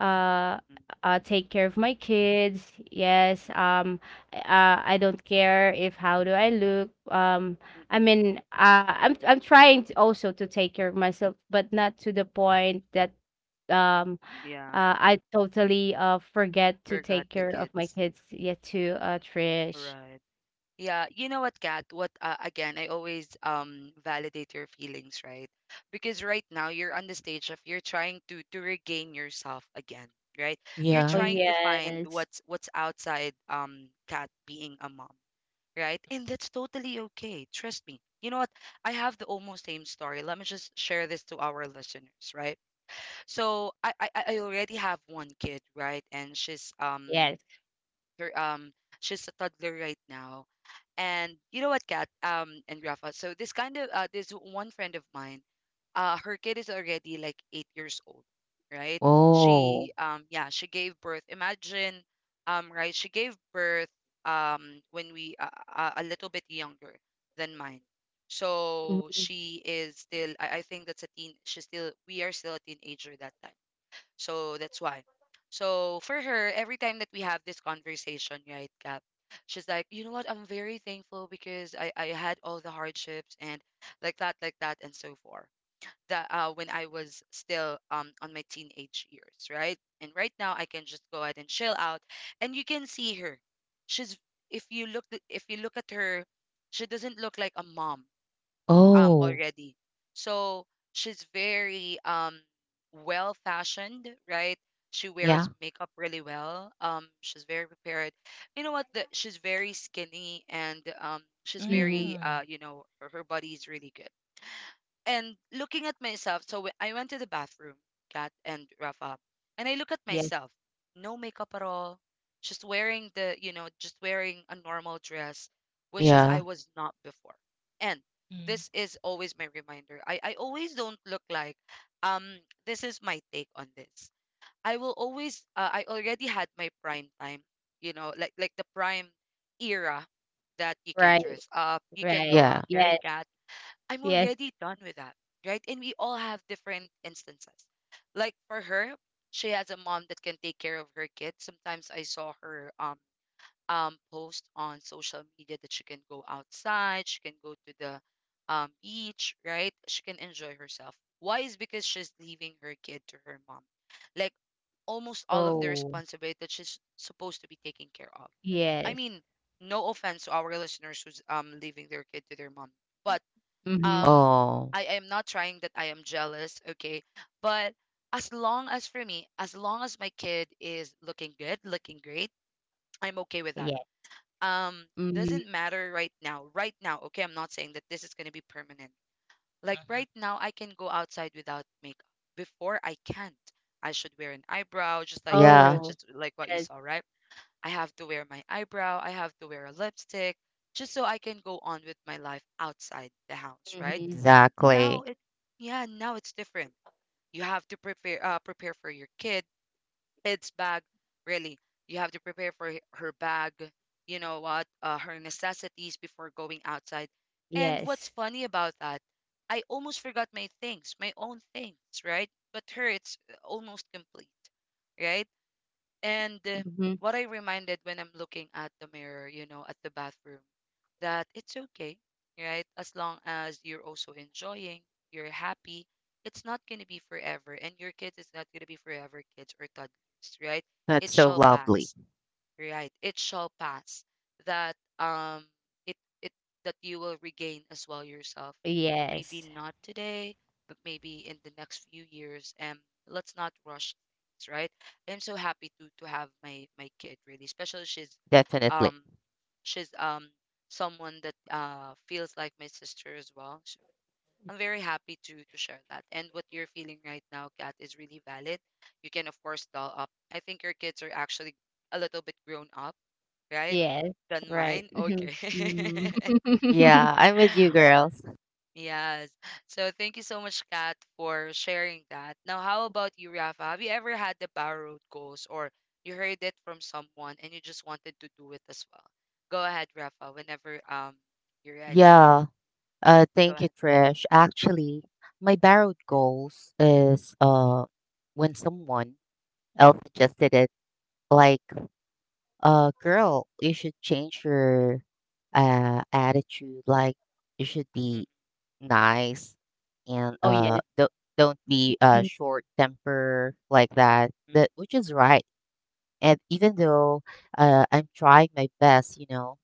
C: uh
A: Mm,
C: take care of my kids. Yes. Um, I don't care if how do I look. um i
A: mm,
C: mean uh I'm trying to also to take care of myself, but not to the point that um
A: yeah,
C: I totally forget to
A: forgot
C: take
A: the
C: care of my
A: kids.
C: kids. Yeah, too, Trish.
A: Right. Yeah, you know what, Kat? What again? I always validate your feelings, right? Because right now you're on the stage of you're trying to regain yourself again, right? You're
C: Oh,
B: Yeah.
A: trying to find
C: yes.
A: what's outside Kat being a mom, right? And that's totally okay. Trust me. You know what? I have the almost same story. Let me just share this to our listeners, right? So I already have one kid, right? And
C: Yes.
A: they're, um she's a toddler right now. And you know what, Kat, and Rafa. So this one friend of mine, her kid is already like 8 years old, right?
B: Oh.
A: She she gave birth. Imagine, right? She gave birth when we a little bit younger than mine. So
C: Mm-hmm,
A: she is still, I think that's a teen. She's still, we are still a teenager that time, so that's why. So for her, every time that we have this conversation, right, Cap, she's like, you know what, I'm very thankful because I had all the hardships and like that, and so forth. That When I was still on my teenage years, right? And right now I can just go ahead and chill out. And you can see her. She's if you look th- If you look at her, she doesn't look like a mom
B: Oh.
A: already. So she's very well fashioned, right? She wears
B: Yeah.
A: makeup really well. She's very prepared. You know what? She's very skinny and she's
C: mm-hmm.
A: very
B: Mm.
A: you know, her body is really good, and looking at myself. So when I went to the bathroom, Kat and Rafa, and I look at
C: Yes,
A: myself, no makeup at all, just wearing you know, just wearing a normal dress, which is I
B: Yeah.
A: was not before. And
B: Mm.
A: this is always my reminder. I always don't look like, um, this is my take on this. I will always, I already had my prime time, you know, like the prime era that you can
C: right.
A: dress up, you can
C: Right.
A: go
B: Yeah.
A: out,
C: Yes.
A: right, Kat? I'm
C: Yes.
A: already done with that, right? And we all have different instances. Like for her, she has a mom that can take care of her kids. Sometimes I saw her post on social media that she can go outside, she can go to the beach, right? She can enjoy herself. Why is because she's leaving her kid to her mom. Like almost all of the
C: Oh,
A: responsibility that she's supposed to be taking care of. I
C: yes.
A: mean, no offense to our listeners who's leaving their kid to their mom, but
C: Mm-hmm.
A: um
B: Oh.
A: I am not trying that I am jealous, okay? But as long as for me, as long as my kid is looking good, looking great, I'm okay with that. Um
C: Mhm.
A: doesn't matter right now. Right now, okay, I'm not saying that this is going to be permanent. Like
B: Mhm.
A: right now I can go outside without makeup. Before I can't. I should wear an eyebrow just like you got,
B: Yeah.
C: Oh.
A: just like what you
C: Yes.
A: saw, right? I have to wear my eyebrow, I have to wear a lipstick just so I can go on with my life outside the house, right?
C: Mhm.
A: Now
B: Exactly.
A: it Yeah, now it's different. You have to prepare prepare for your kid, kid's bag, really. You have to prepare for her bag, you know what, her necessities before going outside. And
C: Yes.
A: what's funny about that, I almost forgot my things, my own things, right? But her, it's almost complete, right? And
C: Mhm.
A: what I reminded when I'm looking at the mirror, you know, at the bathroom, that it's okay, right? As long as you're also enjoying, you're happy, it's not going to be forever. And your kids is not going to be forever kids or toddlers, right?
B: That's
A: It
B: so
A: shall
B: lovely.
A: pass, right, it shall pass that it it that you will regain as well yourself, maybe
C: Yes.
A: not today, but maybe in the next few years. And let's not rush things, right? I'm so happy to have my kid, really, especially
B: Definitely.
A: um she's someone that feels like my sister as well. So I'm very happy to share that. And what you're feeling right now, Kat, is really valid. You can of course doll up. I think your kids are actually a little bit grown up, right?
C: Yes.
A: Than
C: Right.
A: mine?
C: Mhm.
A: Okay.
C: Mhm.
B: Yeah. I'm with you, girls.
A: Yes. So thank you so much, Kat, for sharing that. Now, how about you, Rafa? Have you ever had the power road goals or you heard it from someone and you just wanted to do it as well? Go ahead, Rafa, whenever you're ready.
B: Yeah.
A: Go
B: Thank you,
A: ahead.
B: Trish. Actually, my borrowed goals is, when someone else suggested it, like, girl, you should change your attitude. Like, you should
A: Mm,
B: be nice, and
C: Oh,
A: mm,
C: yes.
B: don't be
C: Mm.
B: short temper like that, which is right. And even though I'm trying my best, you know,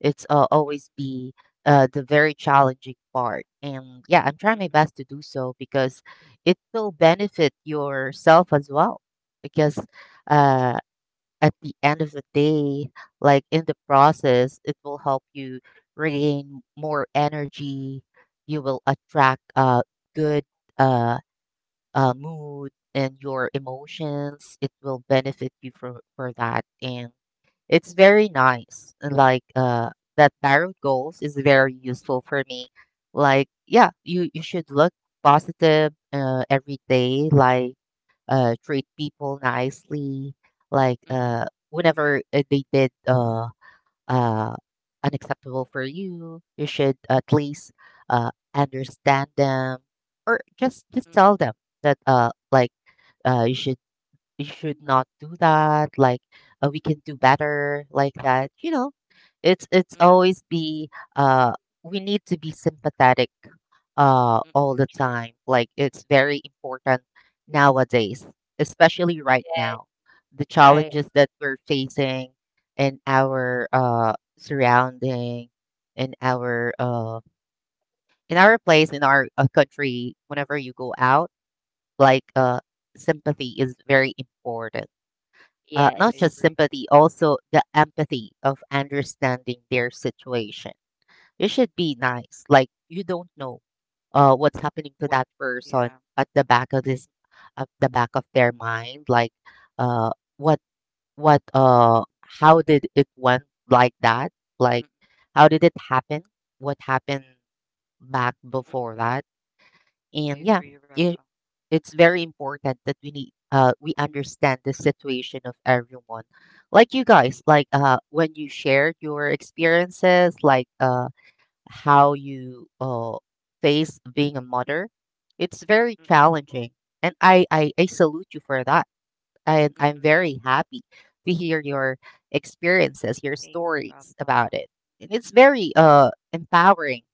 B: it's
A: mm,
B: always be the very challenging part. And yeah, I'm trying my
A: mm,
B: best to do so, because it will benefit yourself as well. Because uh, at the end of the day, like in the process, it will help you regain more energy. You will attract good uh, mood and your emotions. It will benefit you for that. And it's very nice. And Like that tarot goals is very useful for me. Like yeah, you should look positive every day. Like treat people nicely. Like
A: mm,
B: whenever they did uh unacceptable for you, you should at least understand them, or just tell them that like uh you should you should not do that, like we can do better like that, you know, it's
A: mm, mm,
B: always be uh we need to be sympathetic all the
A: True.
B: time. Like it's very important nowadays, especially right now, the
A: Mm, mm,
C: Right.
B: challenges that we're facing in our surrounding,
A: mm, mm, mm, mm, mm,
B: in
A: True. Mm, mm, mm,
B: our
A: mm, mm.
B: place, in our country, whenever you go out. Like sympathy is very important.
A: I
B: Not
C: Yes.
B: just
A: agree.
B: sympathy, also the empathy of understanding their situation. You should be nice. Like you don't know what's happening to
A: What?
B: that person
A: Yeah.
B: at the back of at the back of their mind. Like uh, what,
A: Mm,
B: how did it went like that? Like
A: mm,
B: how did it happen? What happened back
A: mm, mm.
B: before that?
A: I
B: And yeah,
A: agree,
B: it,
A: Rafa.
B: it's very important that we need we understand the situation of everyone. Like you guys, like when you shared your experiences, like how you face being a mother, it's very
A: Mm,
B: challenging. And I salute you for that. And
A: mm,
B: I'm
A: mm.
B: very happy to hear your experiences, your
A: Thank you,
B: stories
A: Rafa.
B: about it. And it's very empowering.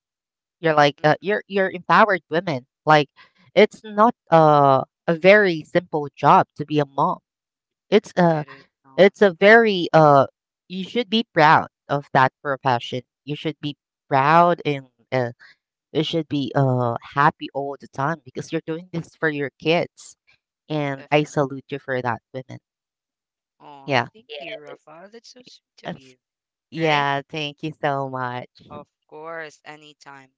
B: You're Like
A: Mm-mm,
B: you're empowered women. Like it's not a very simple job to be a mom. It's
A: it
B: a
A: is not.
B: it's a very you should be proud of that profession. You should be proud and uh, you should be happy all the time, because you're doing this for your kids. And I
A: Definitely.
B: salute you for that, women.
A: Oh,
B: Yeah.
A: thank you,
C: Yes.
A: Rafa. That's so sweet of
B: That's,
A: you, right?
B: yeah. Thank you so much.
A: Of course, anytime.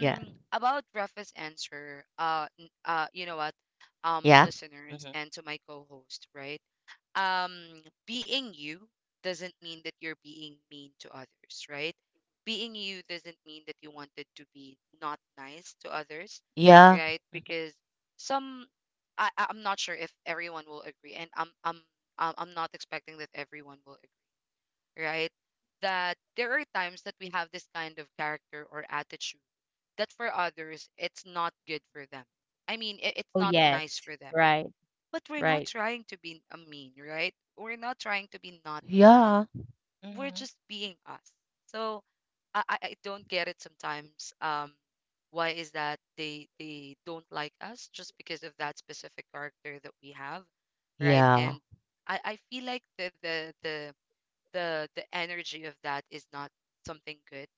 B: Yeah.
A: About Rafa's answer, you know what,
B: Yeah.
A: listeners
B: Hmm.
A: and to my co-host, right? Being you doesn't mean that you're being mean to others, right? Being you doesn't mean that you wanted to be not nice to others,
B: Yeah.
A: right?
B: Hmm.
A: Because some, I'm not sure if everyone will agree, and I'm not expecting that everyone will, right? That there are times that we have this kind of character or attitude that for others, it's not good for them. I mean, it's
C: Oh,
A: not
C: yes.
A: nice for them.
C: Right.
A: But we're not
C: Right.
A: trying to be a mean, right? We're not trying to be not nice.
B: Yeah.
A: We're
B: Hmm.
A: just being us. So I I don't get it sometimes. Why is that they don't like us just because of that specific character that we have, right?
B: Yeah.
A: And I feel like the energy of that is not something good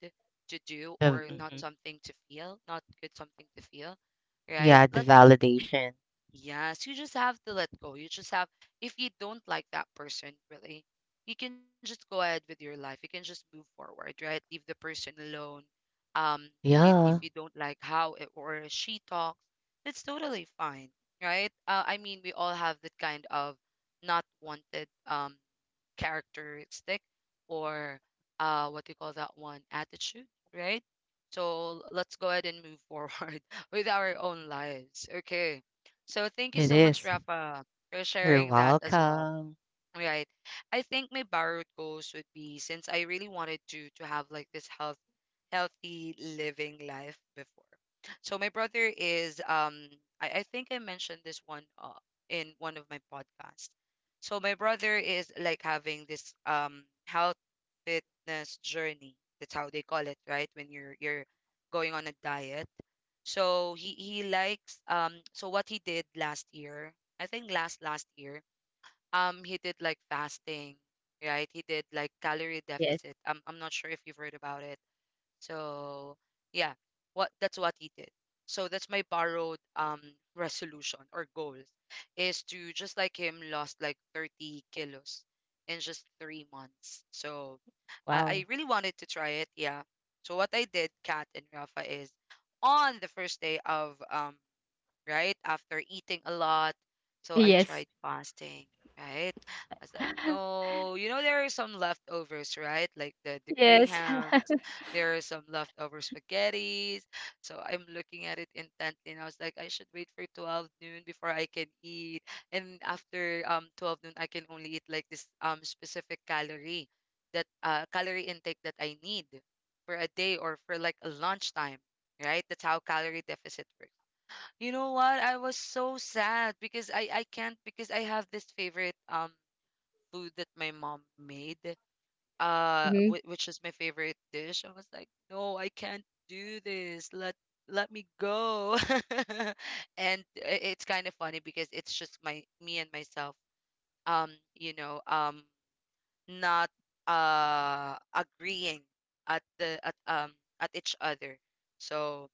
A: to do
B: Of
A: or not
B: mhm.
A: something to feel not good, something to feel, right?
B: Yeah, the
A: Y-
B: validation.
A: yes, you just have to let go. You just have, if you don't like that person really, you can just go ahead with your life. You can just move forward, right? Leave the person alone. If you, if
B: Yeah,
A: you don't like how it or she talks, that's totally fine, right? I mean, we all have that kind of not wanted characteristic or what do you call that one? Attitude, right? So let's go ahead and move forward with our own lives. Okay. So thank you
B: it
A: so much,
B: is.
A: Rafa, for
B: You're
A: sharing that as well.
B: welcome.
A: Right. I think my borrowed goals would be since I really wanted to have like this healthy living life before. So my brother is um, I think I mentioned this one in one of my podcasts. So my brother is like having this health fitness journey. That's how they call it, right? When you're going on a diet. So he likes so what he did last year, I think last year, he did like fasting, right? He did like calorie
C: Yes.
A: deficit. I'm not sure if you've heard about it, so yeah, what that's what he did. So that's my borrowed resolution or goals is to just like him lost like 30 kilos in just 3 months. So
C: Wow.
A: I really wanted to try it, yeah. So what I did, Kat and Rafa, is on the first day of um, right? After eating a lot. So I tried
C: Yes.
A: fasting, right? I was like, no, you know, there are some leftovers, right? Like the gray
C: Yes.
A: hams, there are some leftover spaghettis. So I'm looking at it intently and I was like, I should wait for 12 noon before I can eat. And after 12 noon, I can only eat like this specific calorie that calorie intake that I need for a day or for like a lunchtime, right? That's how calorie deficit works. You know what? I was so sad because I can't, because I have this favorite food that my mom made,
C: Mhm.
A: which is my favorite dish. I was like, "No, I can't do this. Let me go." And it's kind of funny because it's just my me and myself you know, not agreeing at the at each other. So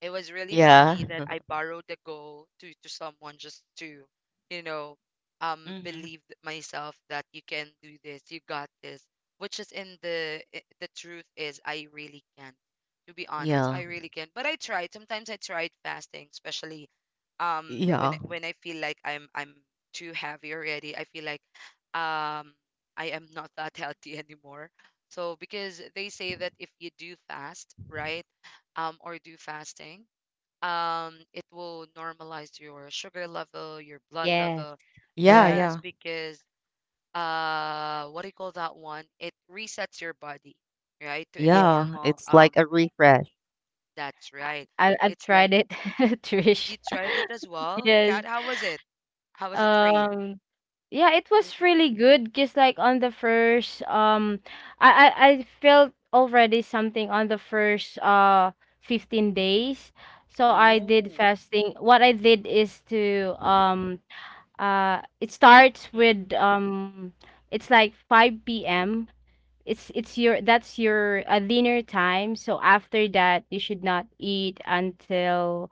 A: it was really
B: Yeah.
A: funny that I borrowed the goal to someone just to, you know,
B: Hmm.
A: believe myself that you can do this, you got this. Which is in the the truth is I really can't. To be honest,
B: Yeah.
A: I really can't. But I tried. Sometimes I tried fasting, especially when
B: Yeah.
A: when I feel like I'm too heavy already. I feel like um I am not that healthy anymore.
C: Yes.
B: Yeah.
C: Right.
B: Yeah.
C: Yes.
B: Yeah. It's like a refresh.
C: I I've tried it, Trish. Yes. Um, yeah, it was really good, because like on the first I felt already something on the first 15 days. So I did fasting. What I did is to it starts with it's like 5 p.m. It's your that's your dinner time. So after that you should not eat until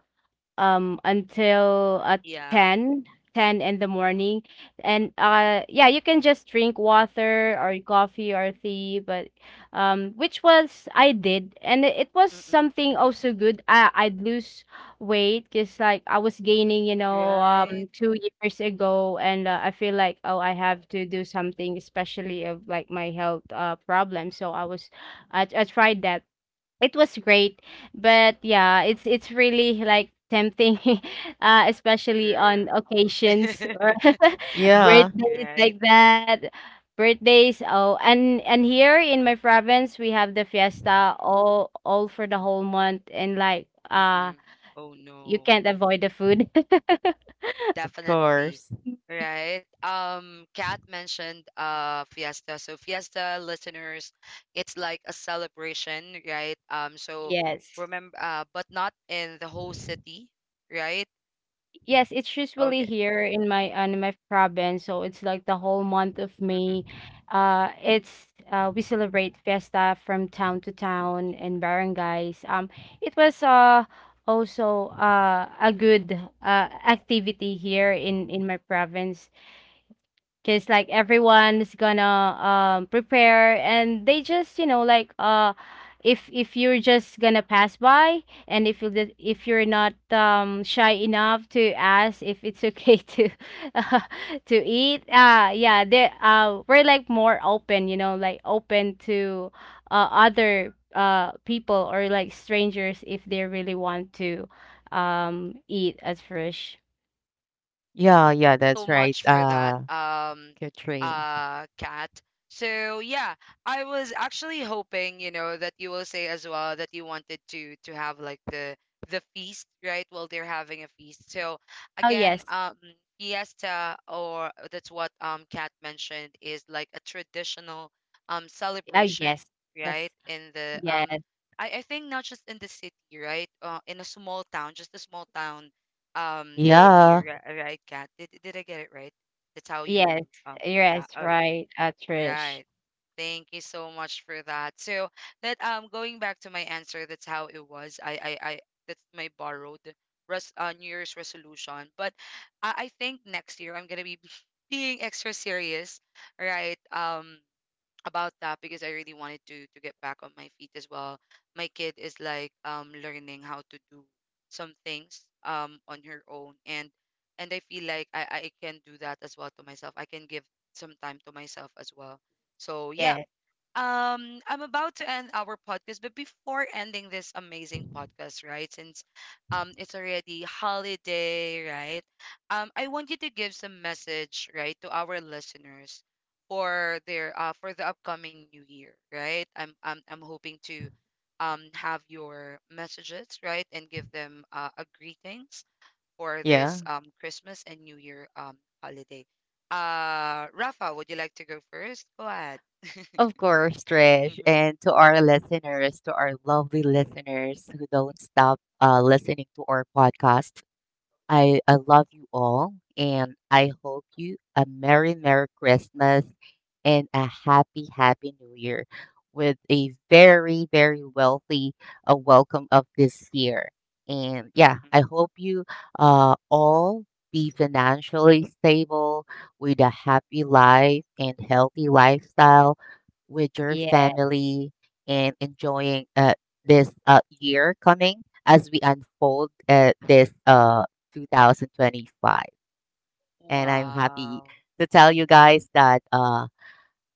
C: um until uh ten, 10 in the morning. And yeah, you can just drink water or coffee or tea. But which was I did, and it was something also good. I I'd lose weight, because like I was gaining, 2 years ago, and I feel like, oh, I have to do something, especially of like my health problem. So I tried that. It was great, but yeah, it's really like tempting, especially on occasions or
B: Yeah, of
C: birthdays like that. Birthdays, oh. And here in my province we have the fiesta all for the whole month, and like you can't avoid the food.
B: course.
C: Yes. Yes, it's usually here in my province. So it's like the whole month of May. It's We celebrate fiesta from town to town and barangays. It was also a good activity here in my province, because like everyone's gonna prepare, and they just, you know, like if you're just gonna pass by, and if you if you're not shy enough to ask if it's okay to uh, to eat, yeah, they we're like more open, you know, like open to other people, or like strangers, if they really want to eat at first.
B: Yeah. Yeah. That's right. Katrine.
C: Oh yes. Oh yes. Yes. Yes.
B: Yeah.
C: Yes, yes, right, Trish. Yes,
B: Yeah. Of course, Trish. And to our listeners, to our lovely listeners who don't stop listening to our podcast, I love you all, and I hope you a Merry, Merry Christmas and a Happy, Happy New Year with a very, very wealthy welcome of this year. And yeah, I hope you all be financially stable with a happy life and healthy lifestyle with your
C: yeah,
B: family, and enjoying this year coming as we unfold this. 2025. And I'm happy to tell you guys that uh,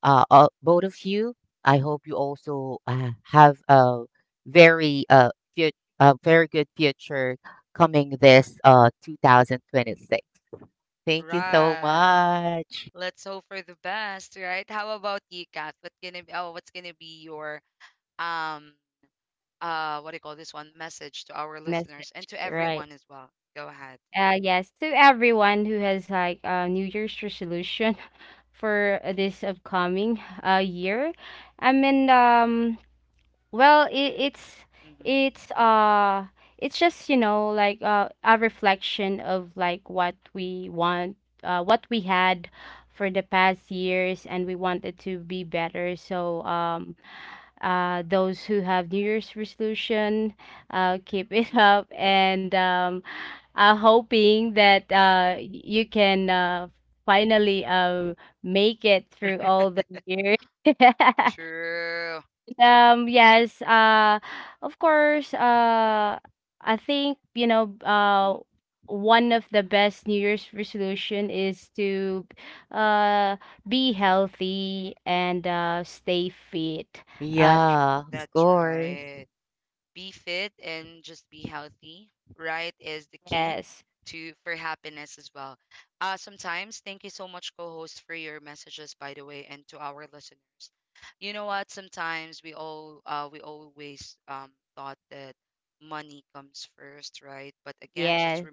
B: uh, all, both of you, I hope you also have a very a very good future coming this 2026. Thank you so much.
C: message, right. Yes, to everyone who has like a New Year's resolution for this upcoming year. I mean, well, it's it's uh it's just, you know, like a reflection of like what we want, what we had for the past years, and we wanted to be better. So those who have New Year's resolution, keep it up, and I'm hoping that you can finally make it through all the years. Yes, of course, I think you know. One of the best New Year's resolution is to uh, be healthy and stay fit. Uh,
B: Yeah, of course.
C: Yes. Yes.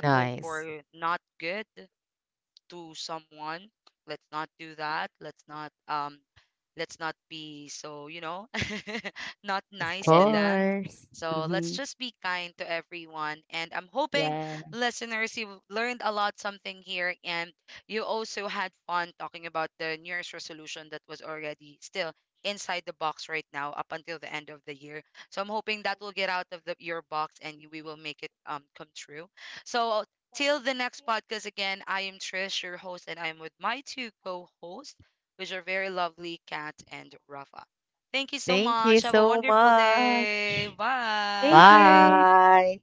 B: Nice. Of
C: Yes.
B: course.
C: Mhm. Yeah.
B: Thank you so much.
C: Thank you.
B: Bye.